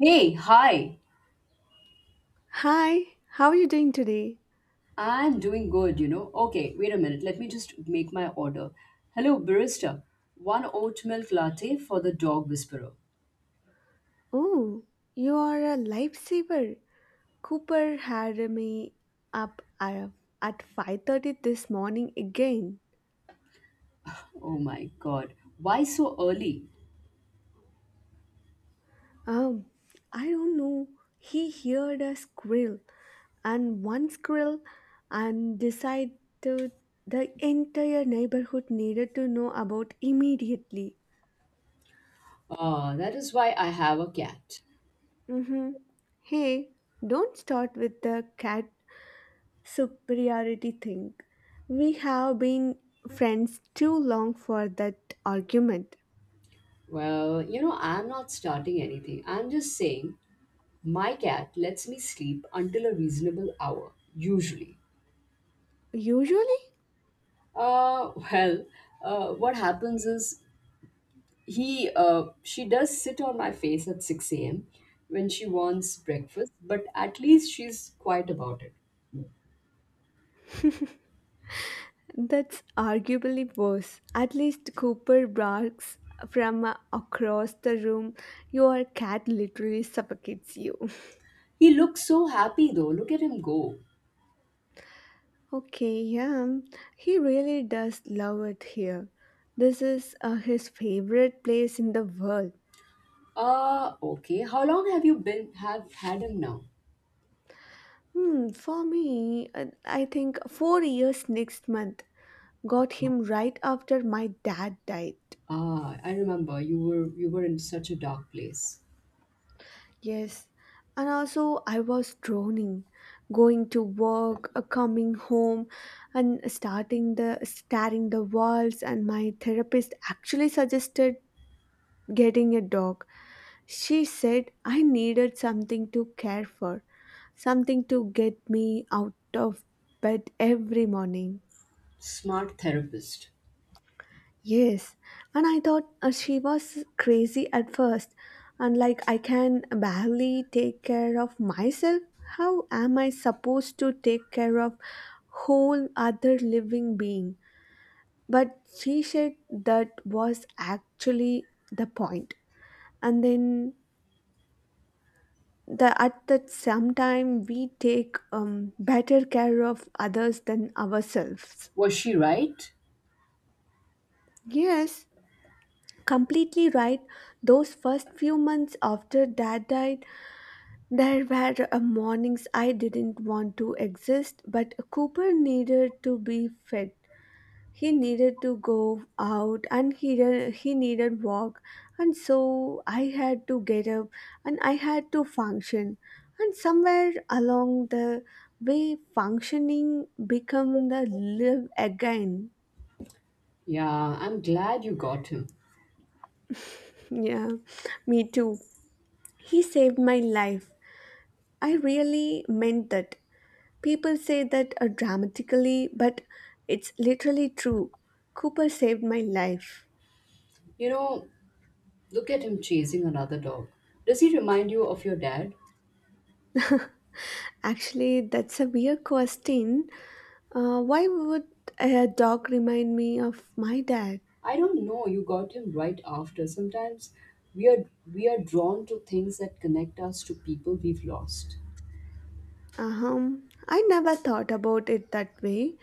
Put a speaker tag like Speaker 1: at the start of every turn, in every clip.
Speaker 1: Hey, hi.
Speaker 2: Hi, how are you doing today?
Speaker 1: I'm doing good. Okay, wait a minute. Let me just make my order. Hello, barista. One oat milk latte for the dog whisperer.
Speaker 2: Oh, you are a lifesaver. Cooper had me up at 5:30 this morning again.
Speaker 1: Oh my god. Why so early?
Speaker 2: Um, I don't know. He heard a squirrel and one squirrel and decided the entire neighborhood needed to know about immediately.
Speaker 1: That is why I have a cat.
Speaker 2: Mm-hmm. Hey, don't start with the cat superiority thing. We have been friends too long for that argument.
Speaker 1: Well, I'm not starting anything. I'm just saying my cat lets me sleep until a reasonable hour, usually.
Speaker 2: Usually,
Speaker 1: Well, what happens is he she does sit on my face at 6 a.m. when she wants breakfast, but at least she's quiet about it.
Speaker 2: that's arguably worse. At least Cooper barks from across the room. Your cat literally suffocates you.
Speaker 1: He looks so happy though. Look at him go.
Speaker 2: Okay, yeah, he really does love it here. This is his favorite place in the world.
Speaker 1: Okay, how long have you been have had him now?
Speaker 2: Hmm, for me, I think 4 years next month. Got
Speaker 1: No.
Speaker 2: him right after my dad died.
Speaker 1: I remember you were in such a dark place.
Speaker 2: Yes, and also I was droning, going to work, coming home, and starting the staring the walls. And my therapist actually suggested getting a dog. She said I needed something to care for, something to get me out of bed every morning.
Speaker 1: Smart therapist.
Speaker 2: Yes, and I thought she was crazy at first, and like I can barely take care of myself. How am I supposed to take care of whole other living being? But she said that was actually the point. And then the at that same time we take better care of others than ourselves.
Speaker 1: Was she right?
Speaker 2: Yes, completely right. Those first few months after dad died, there were mornings I didn't want to exist, but Cooper needed to be fed. He needed to go out and he needed walk. And so I had to get up and I had to function. And somewhere along the way, functioning become the live again.
Speaker 1: Yeah, I'm glad you got him.
Speaker 2: Yeah, me too. He saved my life. I really meant that. People say that dramatically, but it's literally true. Cooper saved my life.
Speaker 1: you know Look at him chasing another dog. Does he remind you of your dad?
Speaker 2: Actually, that's a weird question. Why would a dog remind me of my dad?
Speaker 1: I don't know, you got him right after. Sometimes we are we are drawn to things that connect us to people we've lost.
Speaker 2: I never thought about it that way.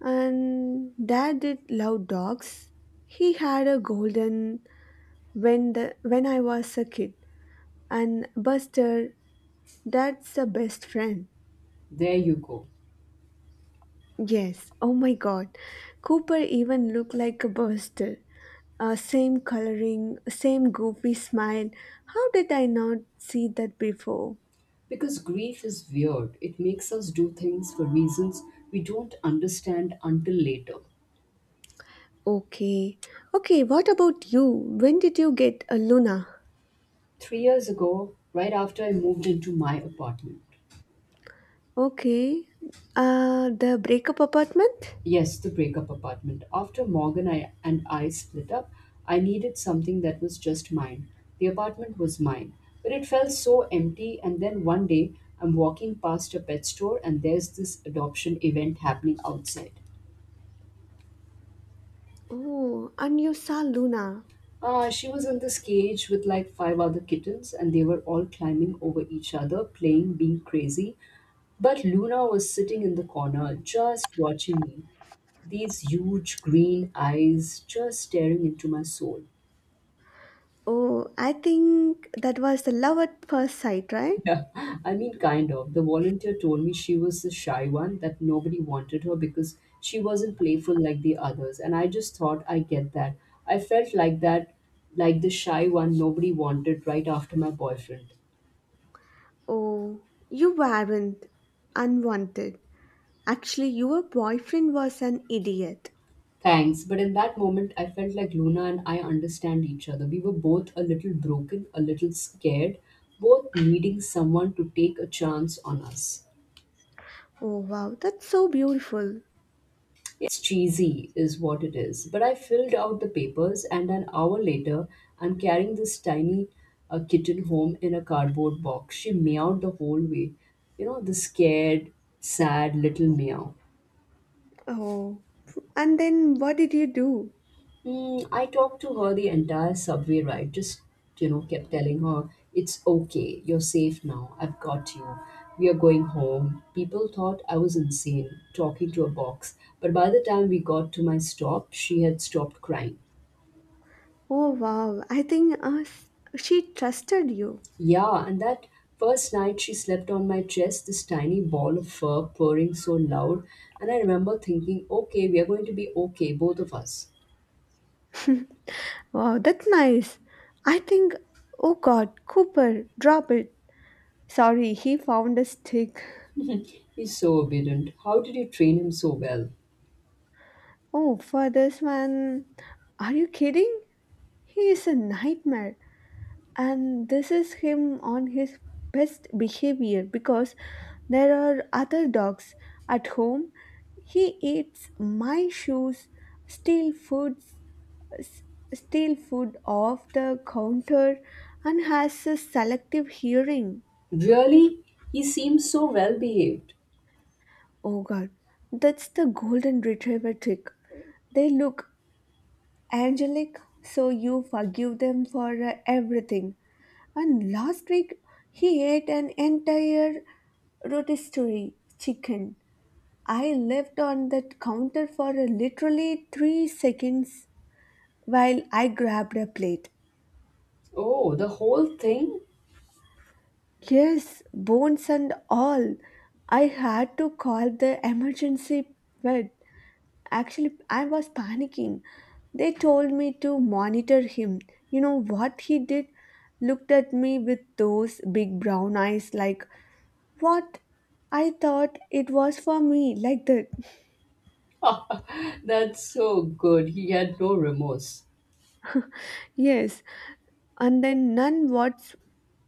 Speaker 2: And dad did love dogs. He had a golden when I was a kid, and Buster, dad's a best friend.
Speaker 1: There you go.
Speaker 2: Yes, oh my god. Cooper even looked like a buster. Same coloring, same goofy smile. How did I not see that before?
Speaker 1: Because grief is weird. It makes us do things for reasons we don't understand until later.
Speaker 2: Okay. Okay, what about you? When did you get a Luna?
Speaker 1: 3 years ago, right after I moved into my apartment.
Speaker 2: Okay. The breakup apartment?
Speaker 1: Yes, the breakup apartment. After Morgan and I split up, I needed something that was just mine. The apartment was mine, but it felt so empty. And then one day, I'm walking past a pet store, and there's this adoption event happening outside.
Speaker 2: Oh, and you saw Luna.
Speaker 1: Ah, she was in this cage with like five other kittens, and they were all climbing over each other, playing, being crazy. But Luna was sitting in the corner, just watching me. These huge green eyes just staring into my soul.
Speaker 2: Oh, I think that was the love at first sight, right?
Speaker 1: Yeah, I mean, kind of. The volunteer told me she was the shy one, that nobody wanted her because she wasn't playful like the others. And I just thought, I get that. I felt like that, like the shy one nobody wanted right after my boyfriend.
Speaker 2: Oh, you weren't unwanted. Actually, your boyfriend was an idiot.
Speaker 1: Thanks. But in that moment, I felt like Luna and I understand each other. We were both a little broken, a little scared, both needing someone to take a chance on us.
Speaker 2: Oh wow, that's so beautiful.
Speaker 1: It's cheesy, is what it is. But I filled out the papers, and an hour later, I'm carrying this tiny kitten home in a cardboard box. She meowed the whole way. You know, the scared, sad little meow.
Speaker 2: Oh, and then what did you do?
Speaker 1: I talked to her the entire subway ride, just, kept telling her, it's okay, you're safe now, I've got you. We are going home. People thought I was insane talking to a box, but by the time we got to my stop, she had stopped crying.
Speaker 2: Oh wow, I think she trusted you.
Speaker 1: Yeah, and that first night she slept on my chest, this tiny ball of fur purring so loud. And I remember thinking, okay, we are going to be okay, both of us.
Speaker 2: Wow, that's nice. I think, oh god, Cooper, drop it. Sorry, he found a stick.
Speaker 1: He's so obedient. How did you train him so well?
Speaker 2: Oh, for this one, are you kidding? He is a nightmare. And this is him on his best behavior because there are other dogs at home. He eats my shoes, steal foods s- steal food off the counter, and has a selective hearing.
Speaker 1: Really? He seems so well behaved.
Speaker 2: Oh god, that's the golden retriever trick. They look angelic so you forgive them for everything. And last week, he ate an entire rotisserie chicken. I left on that counter for literally 3 seconds while I grabbed a plate.
Speaker 1: Oh, the whole thing?
Speaker 2: Yes, bones and all. I had to call the emergency vet. Actually, I was panicking. They told me to monitor him. You know what he did? Looked at me with those big brown eyes like, what? I thought it was for me, like that.
Speaker 1: That's so good. He had no remorse.
Speaker 2: Yes, and then none what's,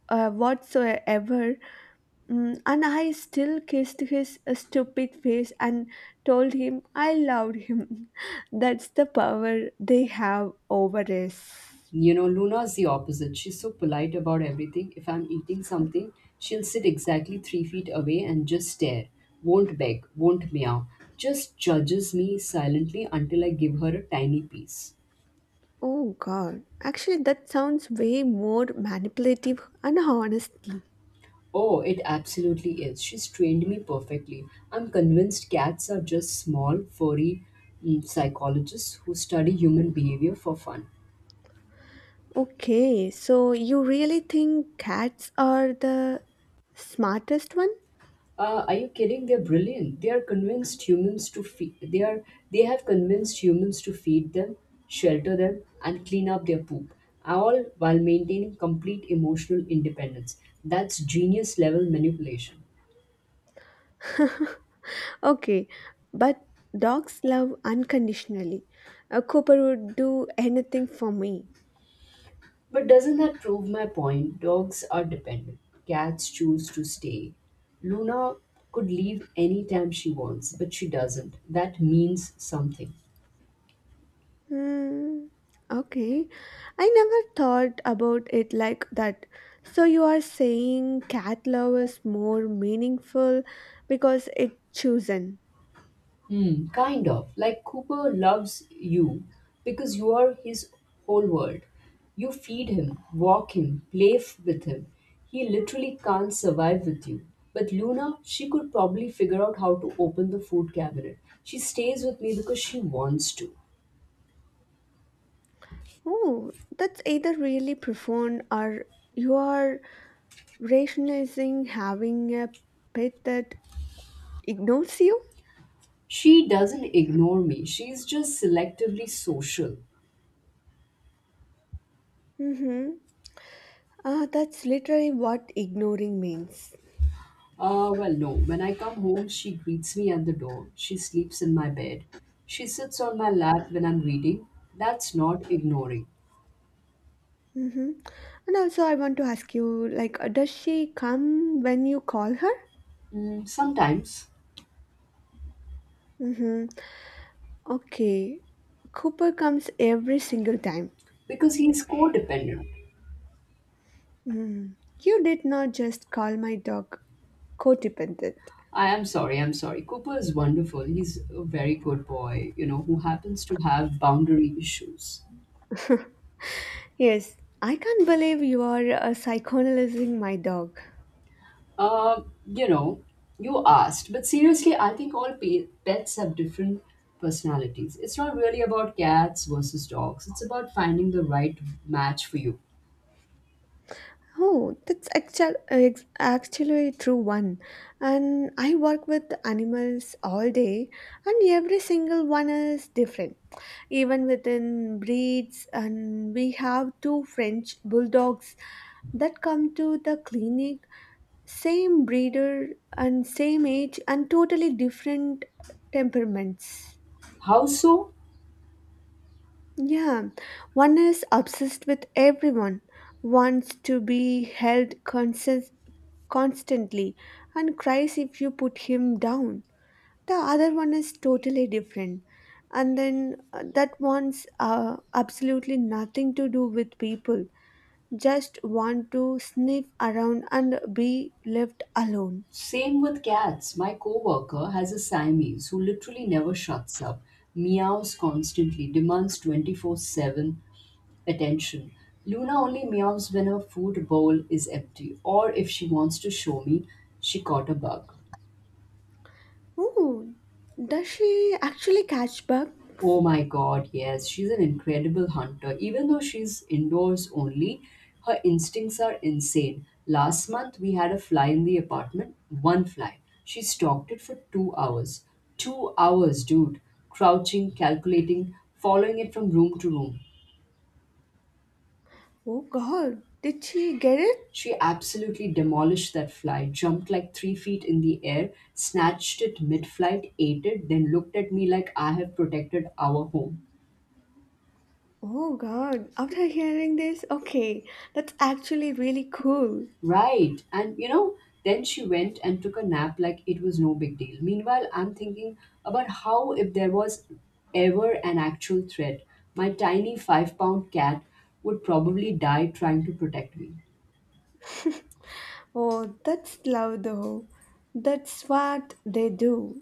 Speaker 2: whatsoever. Mm, and I still kissed his stupid face and told him I loved him. That's the power they have over us.
Speaker 1: You know, Luna's the opposite. She's so polite about everything. If I'm eating something, she'll sit exactly 3 feet away and just stare. Won't beg, won't meow. Just judges me silently until I give her a tiny piece.
Speaker 2: Oh god, actually, that sounds way more manipulative and honestly.
Speaker 1: Oh, it absolutely is. She's trained me perfectly. I'm convinced cats are just small, furry psychologists who study human behavior for fun.
Speaker 2: Okay, so you really think cats are the smartest one?
Speaker 1: Are you kidding? They're brilliant. They are convinced humans to feed. They are. They have convinced humans to feed them, shelter them, and clean up their poop, all while maintaining complete emotional independence. That's genius level manipulation.
Speaker 2: Okay, but dogs love unconditionally. A Cooper would do anything for me.
Speaker 1: But doesn't that prove my point? Dogs are dependent. Cats choose to stay. Luna could leave anytime she wants, but she doesn't. That means something.
Speaker 2: Hmm. Okay, I never thought about it like that. So you are saying cat love is more meaningful because it chosen.
Speaker 1: Hmm, kind of. Like Cooper loves you because you are his whole world. You feed him, walk him, play with him. He literally can't survive with you. But Luna, she could probably figure out how to open the food cabinet. She stays with me because she wants to.
Speaker 2: Oh, that's either really profound or you are rationalizing having a pet that ignores you.
Speaker 1: She doesn't ignore me, she's just selectively social.
Speaker 2: Mm-hmm. Ah, that's literally what ignoring means.
Speaker 1: Well, no. When I come home, she greets me at the door. She sleeps in my bed. She sits on my lap when I'm reading. That's not ignoring.
Speaker 2: Mm-hmm. And also, I want to ask you, like, does she come when you call her?
Speaker 1: Sometimes,
Speaker 2: Mm-hmm. Okay. Cooper comes every single time.
Speaker 1: because he's codependent.
Speaker 2: Mm. You did not just call my dog codependent.
Speaker 1: I am sorry, I'm sorry. Cooper is wonderful. He's a very good boy, who happens to have boundary issues.
Speaker 2: Yes, I can't believe you are psychoanalyzing my dog.
Speaker 1: Uh, you know, you asked, but seriously, I think all pets have different personalities. It's not really about cats versus dogs, it's about finding the right match for you.
Speaker 2: Oh, that's actually a true one. And I work with animals all day, and every single one is different. Even within breeds, and we have two French bulldogs that come to the clinic, same breeder and same age, and totally different temperaments.
Speaker 1: How so?
Speaker 2: Yeah, one is obsessed with everyone, wants to be constantly, and cries if you put him down. The other one is totally different. And then that wants absolutely nothing to do with people, just want to sniff around and be left alone.
Speaker 1: Same with cats. My coworker has a Siamese who literally never shuts up, meows constantly, demands 24/7 attention. Luna only meows when her food bowl is empty or if she wants to show me she caught a bug.
Speaker 2: Oh, does she actually catch bug?
Speaker 1: Oh my god, yes, she's an incredible hunter. Even though she's indoors only, her instincts are insane. Last month, we had a fly in the apartment, one fly. She stalked it for 2 hours. 2 hours, dude. Crouching, calculating, following it from room to room.
Speaker 2: Oh god, did she get it?
Speaker 1: She absolutely demolished that fly, jumped like 3 feet in the air, snatched it mid flight, ate it, then looked at me like I have protected our home.
Speaker 2: Oh God, after hearing this, okay, that's actually really cool.
Speaker 1: Right. And then she went and took a nap like it was no big deal. Meanwhile, I'm thinking about how, if there was ever an actual threat, my tiny 5-pound cat would probably die trying to protect me.
Speaker 2: Oh, that's love though. That's what they do.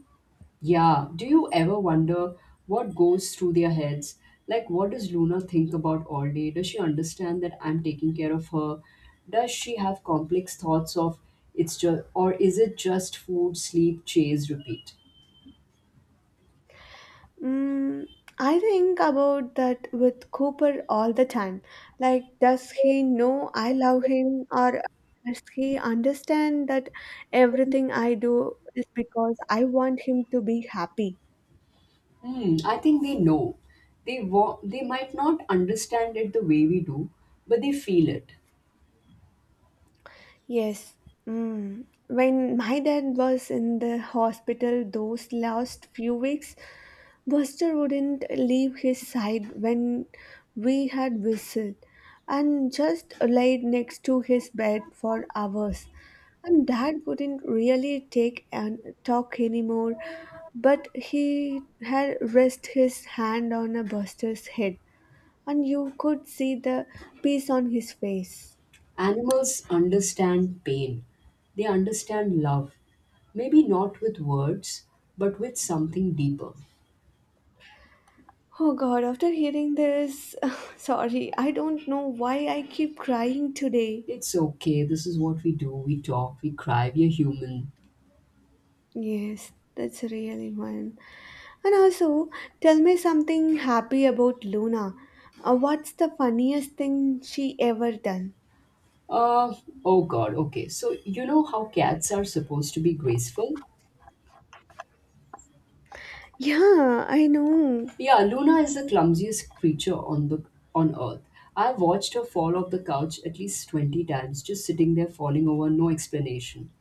Speaker 1: Yeah. Do you ever wonder what goes through their heads? Like, what does Luna think about all day? Does she understand that I'm taking care of her? Does she have complex thoughts of or is it just food, sleep, chase, repeat?
Speaker 2: Mm, I think about that with Cooper all the time. Like, does he know I love him, or does he understand that everything I do is because I want him to be happy?
Speaker 1: Hmm, I think they know. They might not understand it the way we do, but they feel it.
Speaker 2: Yes. Mm. When my dad was in the hospital those last few weeks, Buster wouldn't leave his side when we had visit and just laid next to his bed for hours. And dad couldn't really take and talk anymore, but he had rest his hand on a Buster's head and you could see the peace on his face.
Speaker 1: Animals understand pain. They understand love. Maybe not with words, but with something deeper.
Speaker 2: Oh God, after hearing this, sorry, I don't know why I keep crying today.
Speaker 1: It's okay. This is what we do. We talk, we cry, we're human.
Speaker 2: Yes, that's really one. And also, tell me something happy about Luna. What's the funniest thing she ever done?
Speaker 1: Uh, oh God, okay. So, you know how cats are supposed to be graceful?
Speaker 2: Yeah, I know.
Speaker 1: Yeah, Luna is the clumsiest creature on the on Earth. I have watched her fall off the couch at least 20 times, just sitting there falling over, no explanation.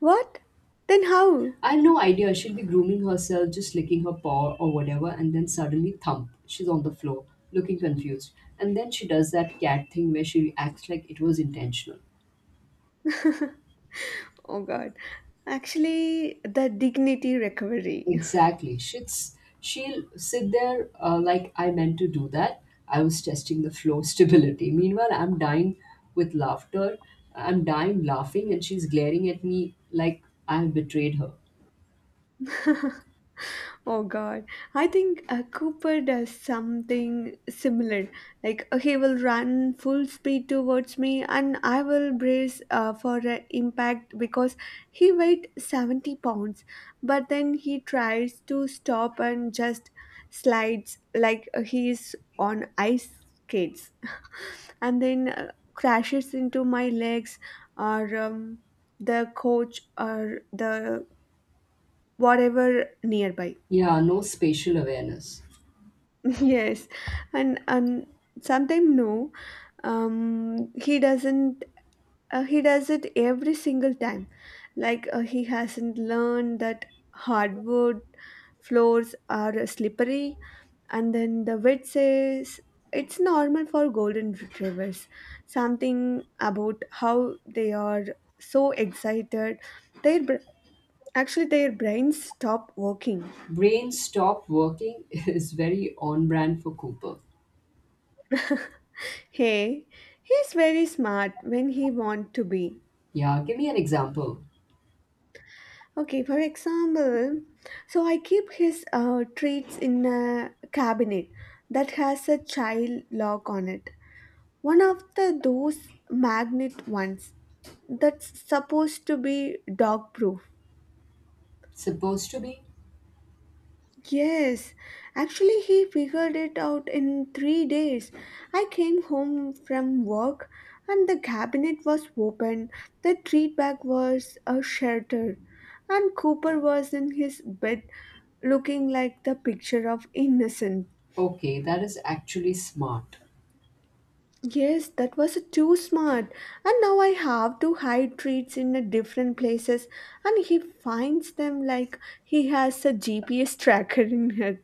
Speaker 2: What? Then how?
Speaker 1: I have no idea. She'll be grooming herself, just licking her paw or whatever, and then suddenly thump, she's on the floor, looking confused. And then she does that cat thing where she acts like it was intentional.
Speaker 2: Oh God. Actually, the dignity recovery.
Speaker 1: Exactly. She'll sit there like, I meant to do that. I was testing the flow stability. Meanwhile, I'm dying with laughter. I'm dying laughing, and she's glaring at me like I've betrayed her.
Speaker 2: Oh God, I think Cooper does something similar. Like he will run full speed towards me, and I will brace for an impact because he weighed 70 pounds. But then he tries to stop and just slides like he is on ice skates, and then crashes into my legs or the coach or the whatever nearby.
Speaker 1: Yeah, no spatial awareness.
Speaker 2: Yes, and sometimes no, he doesn't. He does it every single time, like he hasn't learned that hardwood floors are slippery, and then the vet says it's normal for golden retrievers. Something about how they are so excited, their br- actually their brains stop working.
Speaker 1: Brain stop working is very on brand for Cooper.
Speaker 2: Hey, he's very smart when he want to be.
Speaker 1: Yeah, give me an example.
Speaker 2: Okay, for example, so I keep his treats in a cabinet that has a child lock on it. One of the those magnet ones that's supposed to be dog proof.
Speaker 1: Supposed to be?
Speaker 2: Yes, actually, he figured it out in 3 days. I came home from work and the cabinet was open, the treat bag was a shelter, and Cooper was in his bed looking like the picture of innocent.
Speaker 1: Okay, that is actually smart.
Speaker 2: Yes, that was too smart. And now I have to hide treats in a different places and he finds them like he has a GPS tracker in it.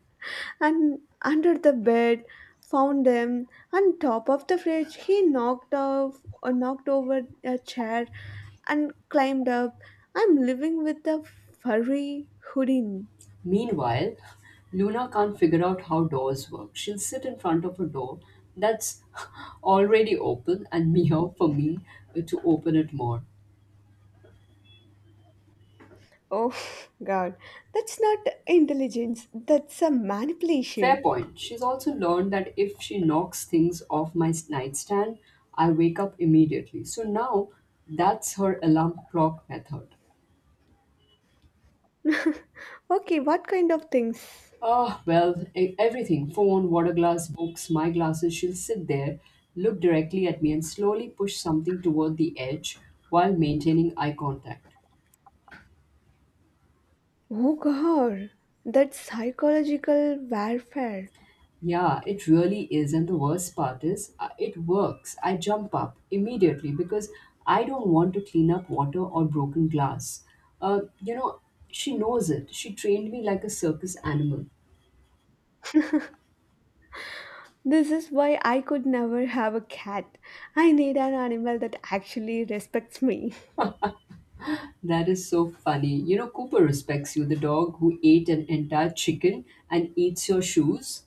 Speaker 2: And under the bed found them on top of the fridge he knocked off or knocked over a chair and climbed up. I'm living with a furry hoodie.
Speaker 1: Meanwhile, Luna can't figure out how doors work. She'll sit in front of a door that's already open and meow for me to open it more.
Speaker 2: Oh god, that's not intelligence, that's a
Speaker 1: Fair
Speaker 2: manipulation.
Speaker 1: point. She's also learned that if she knocks things off my nightstand, I wake up immediately. So now that's her alarm clock method.
Speaker 2: Okay, what kind of things?
Speaker 1: Oh, well, everything phone, water glass, books, my glasses. She'll sit there, look directly at me, and slowly push something toward the edge while maintaining eye contact.
Speaker 2: Oh god, that psychological warfare.
Speaker 1: Yeah, it really is. And the worst part is, it works. I jump up immediately because I don't want to clean up water or broken glass. Uh, you know, she knows it. She trained me like a circus animal.
Speaker 2: This is why I could never have a cat. I need an animal that actually respects me.
Speaker 1: That is so funny. You know, Cooper respects you, the dog who ate an entire chicken and eats your shoes.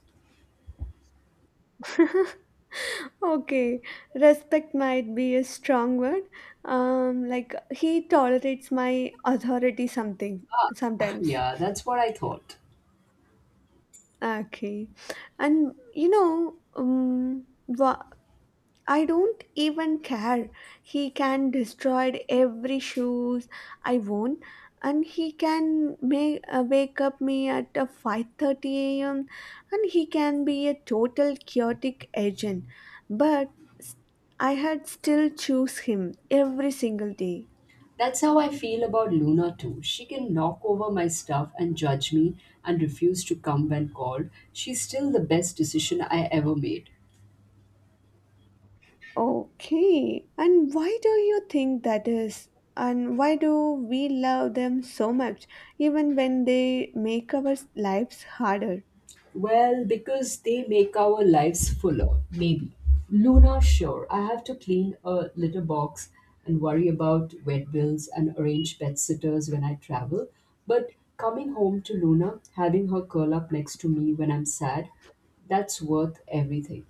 Speaker 2: Okay, respect might be a strong word. Like he tolerates my authority something sometimes.
Speaker 1: Yeah, that's what I thought.
Speaker 2: Okay, and you know, wha I don't even care. He can destroy every shoes I own, and he can make wake up me at 5:30 a.m. and he can be a total chaotic agent. But I had still choose him every single day.
Speaker 1: That's how I feel about Luna too. She can knock over my stuff and judge me and refuse to come when called. She's still the best decision I ever made.
Speaker 2: Okay, and why do you think that is? And why do we love them so much, even when they make our lives harder?
Speaker 1: Well, because they make our lives fuller, maybe. Luna, sure, I have to clean a litter box and worry about vet bills and arrange pet sitters when I travel. But coming home to Luna, having her curl up next to me when I'm sad, that's worth everything.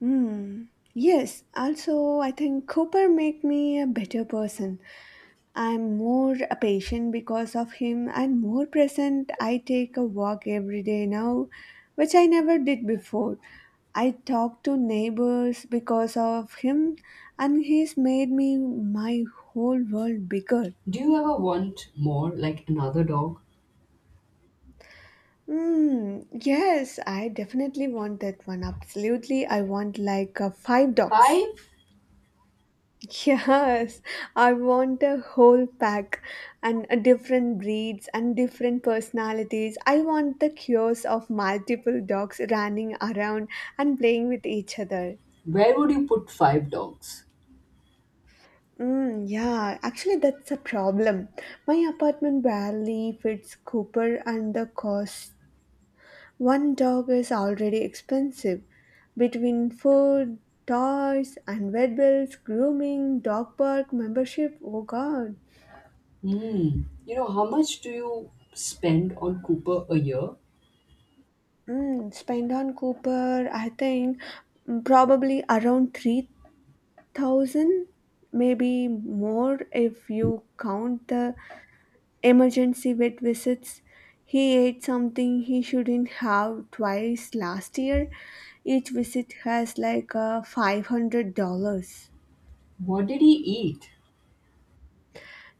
Speaker 2: Hmm. Yes. Also, I think Cooper make me a better person. I'm more a patient because of him. I'm more present. I take a walk every day now, which I never did before. I talk to neighbors because of him, and he's made me my whole world bigger.
Speaker 1: Do you ever want more, like another dog?
Speaker 2: Mm, yes, I definitely want that one. Absolutely, I want like 5 dogs.
Speaker 1: Five?
Speaker 2: Yes, I want a whole pack and a different breeds and different personalities. I want the chaos of multiple dogs running around and playing with each other.
Speaker 1: Where would you put five dogs?
Speaker 2: Mm, yeah, actually, that's a problem. My apartment barely fits Cooper, and the cost one dog is already expensive. Between food, toys, and vet bills, grooming, dog park membership, oh god.
Speaker 1: Hmm. You know, how much do you spend on Cooper a year?
Speaker 2: Mm, spend on Cooper, I think mm, probably around 3,000, maybe more if you count the emergency vet visits. He ate something he shouldn't have twice last year. Each visit has like $500.
Speaker 1: What did he eat?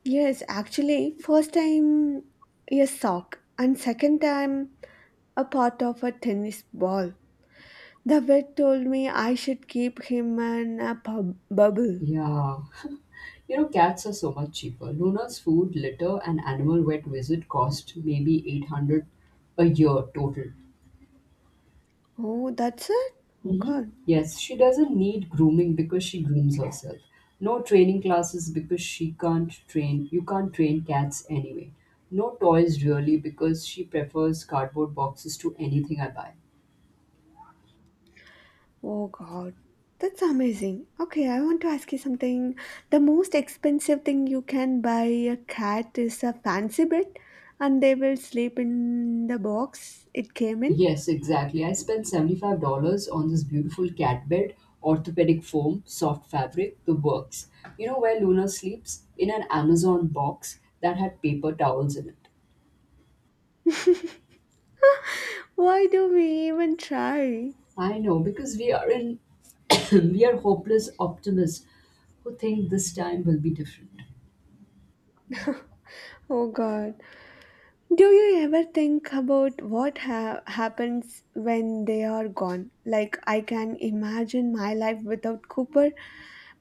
Speaker 2: Yes, actually, first time a sock, and second time a part of a tennis ball. The vet told me I should keep him in a bubble.
Speaker 1: Yeah. You know, cats are so much cheaper. Luna's food, litter, and animal vet visit cost maybe 800 a year total.
Speaker 2: Oh, that's it? Oh
Speaker 1: Mhm.
Speaker 2: god.
Speaker 1: Yes, she doesn't need grooming because she grooms herself. No training classes because she can't train. You can't train cats anyway. No toys really because she prefers cardboard boxes to anything I buy.
Speaker 2: Oh god. That's amazing. Okay, I want to ask you something. The most expensive thing you can buy a cat is a fancy bed, and they will sleep in the box it came in.
Speaker 1: Yes, exactly. I spent $75 on this beautiful cat bed, orthopedic foam, soft fabric, the works. You know where Luna sleeps? In an Amazon box that had paper towels in it.
Speaker 2: Why do we even try?
Speaker 1: I know because we are in we are hopeless optimists who think this time will be different.
Speaker 2: Oh god. Do you ever think about what happens when they are gone? Like, I can imagine my life without Cooper,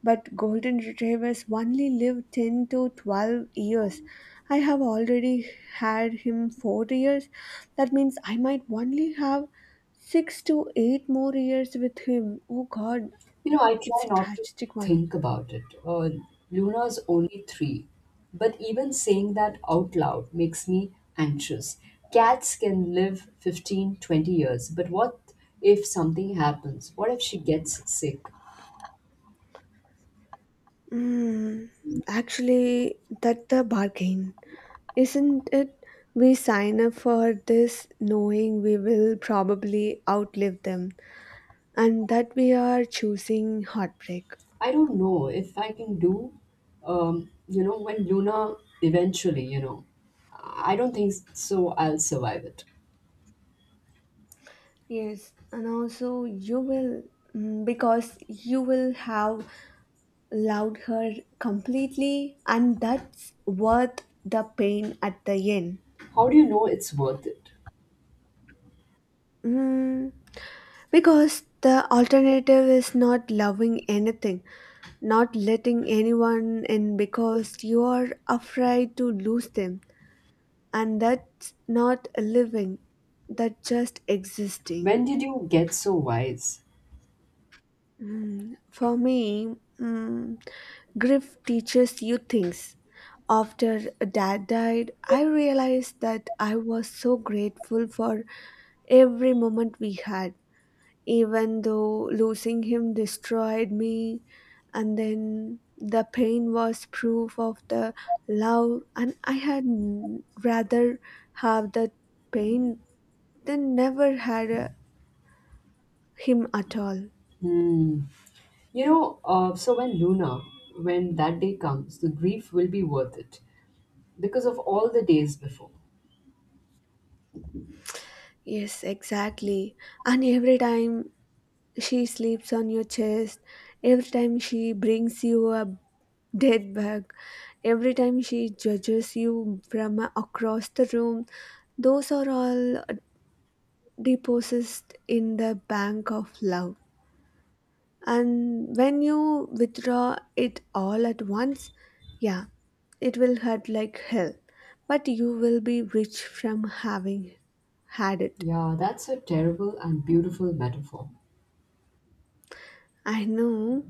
Speaker 2: but golden retrievers only live 10 to 12 years. I have already had him 4 years. That means I might only have 6 to 8 more years with him. Oh god,
Speaker 1: You know, I try
Speaker 2: it's a
Speaker 1: not to
Speaker 2: tragic one.
Speaker 1: think about it. Luna's only three, but even saying that out loud makes me anxious. Cats can live 15, 20 years, but what if something happens? What if she gets sick?
Speaker 2: Mm, Actually, that's the bargain, isn't it? We sign up for this knowing we will probably outlive them, and that we are choosing heartbreak.
Speaker 1: I don't know if I can do, when Luna eventually, I don't think so, I'll survive it.
Speaker 2: Yes, and also you will, because you will have loved her completely, and that's worth the pain at the end.
Speaker 1: How do you know it's worth it?
Speaker 2: Mm, because the alternative is not loving anything, not letting anyone in because you are afraid to lose them, and that's not living, that's just existing.
Speaker 1: When did you get so wise?
Speaker 2: For me, grief teaches you things. After dad died, I realized that I was so grateful for every moment we had, even though losing him destroyed me. And then the pain was proof of the love, and I had rather have that pain than never had him at all.
Speaker 1: Hmm. So when when that day comes, the grief will be worth it because of all the days before.
Speaker 2: Yes, exactly. And every time she sleeps on your chest. Every time she brings you a dead bug, every time she judges you from across the room, those are all deposits in the bank of love. And when you withdraw it all at once, yeah, it will hurt like hell. But you will be rich from having had it.
Speaker 1: Yeah, that's a terrible and beautiful metaphor.
Speaker 2: I know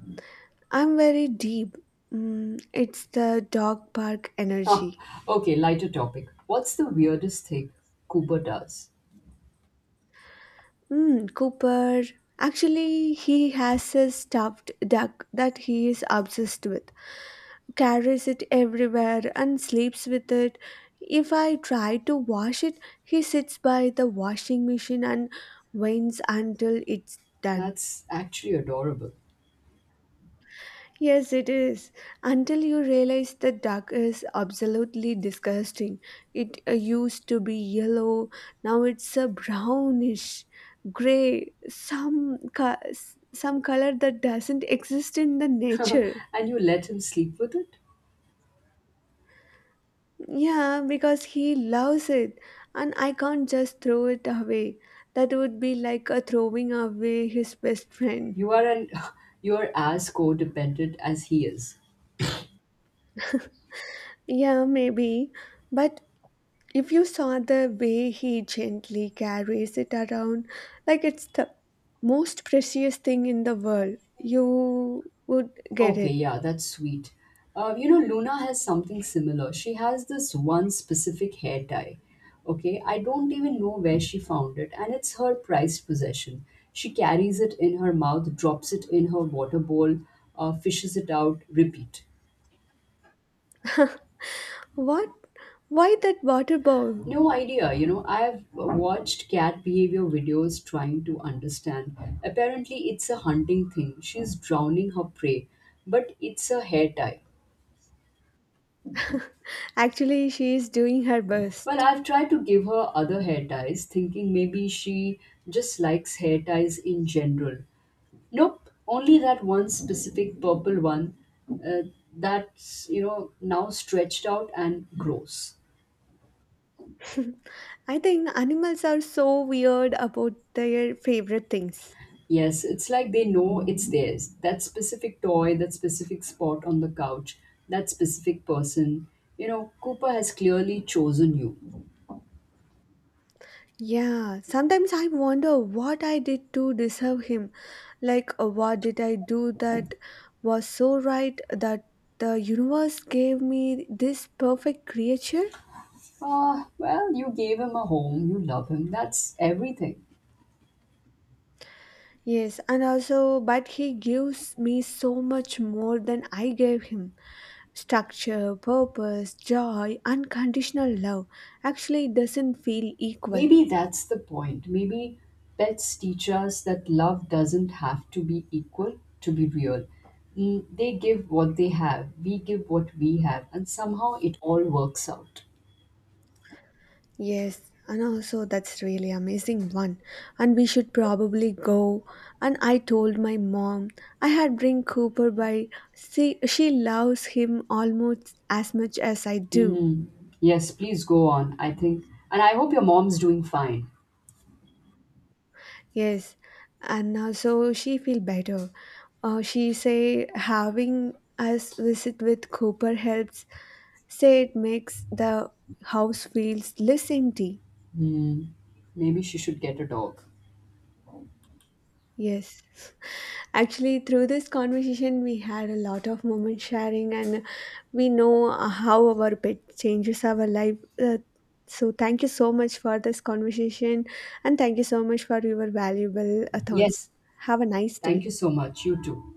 Speaker 2: I'm very deep. Mm, it's the dog park
Speaker 1: Ah,
Speaker 2: energy.
Speaker 1: okay, lighter topic. What's the weirdest thing Cooper does?
Speaker 2: Mm, Cooper. Actually, he has a stuffed duck that he is obsessed with, carries it everywhere and sleeps with it. If I try to wash it, he sits by the washing machine and waits until it's done.
Speaker 1: That's actually adorable.
Speaker 2: Yes, it is. Until you realize the duck is absolutely disgusting. It used to be yellow, now it's a brownish gray, some color that doesn't exist in the nature.
Speaker 1: And you let him sleep with it?
Speaker 2: Yeah, because he loves it, and I can't just throw it away. That would be like a throwing away his best friend.
Speaker 1: You are an You are as codependent as he is.
Speaker 2: Yeah, maybe. But if you saw the way he gently carries it around, like it's the most precious thing in the world, you would get
Speaker 1: Okay,
Speaker 2: it.
Speaker 1: yeah, that's sweet. Luna has something similar. She has this one specific hair tie. Okay, I don't even know where she found it, and it's her prized possession. She carries it in her mouth, drops it in her water bowl, fishes it out, repeat.
Speaker 2: What? Why that water bowl?
Speaker 1: No idea. I've watched cat behavior videos trying to understand. Apparently, it's a hunting thing. She's drowning her prey, but it's a hair tie.
Speaker 2: Actually, she is doing her
Speaker 1: Well,
Speaker 2: best.
Speaker 1: I've tried to give her other hair ties, thinking maybe she just likes hair ties in general. Nope, only that one specific purple one uh, that's, now stretched out and gross.
Speaker 2: I think animals are so weird about their favorite things.
Speaker 1: Yes, it's like they know it's theirs. That specific toy, that specific spot on the couch, that specific person. You know, Cooper has clearly chosen you.
Speaker 2: Yeah, sometimes I wonder what I did to deserve him. Like, what did I do that was so right that the universe gave me this perfect creature?
Speaker 1: Ah, well, you gave him a home, you love him, that's everything.
Speaker 2: Yes, and also, but he gives me so much more than I gave him: structure, purpose, joy, unconditional love. Actually, doesn't feel equal.
Speaker 1: Maybe that's the point. Maybe pets teach us that love doesn't have to be equal to be real. They give what they have, we give what we have, and somehow it all works out.
Speaker 2: Yes, and also that's really amazing one. And we should probably go. And I told my mom I had bring Cooper by. See, she loves him almost as much as I do.
Speaker 1: Mm, Yes, please go on. I think, and I hope your mom's doing fine.
Speaker 2: Yes, and also she feel better. She say having us visit with Cooper helps. Say it makes the house feels less empty.
Speaker 1: Mm, Maybe she should get a dog.
Speaker 2: Yes. Actually, through this conversation, we had a lot of moment sharing, and we know how our pet changes our life. Uh, so, thank you so much for this conversation, and thank you so much for your valuable
Speaker 1: Yes,
Speaker 2: thoughts. Have a nice
Speaker 1: thank
Speaker 2: day.
Speaker 1: you so much. You too.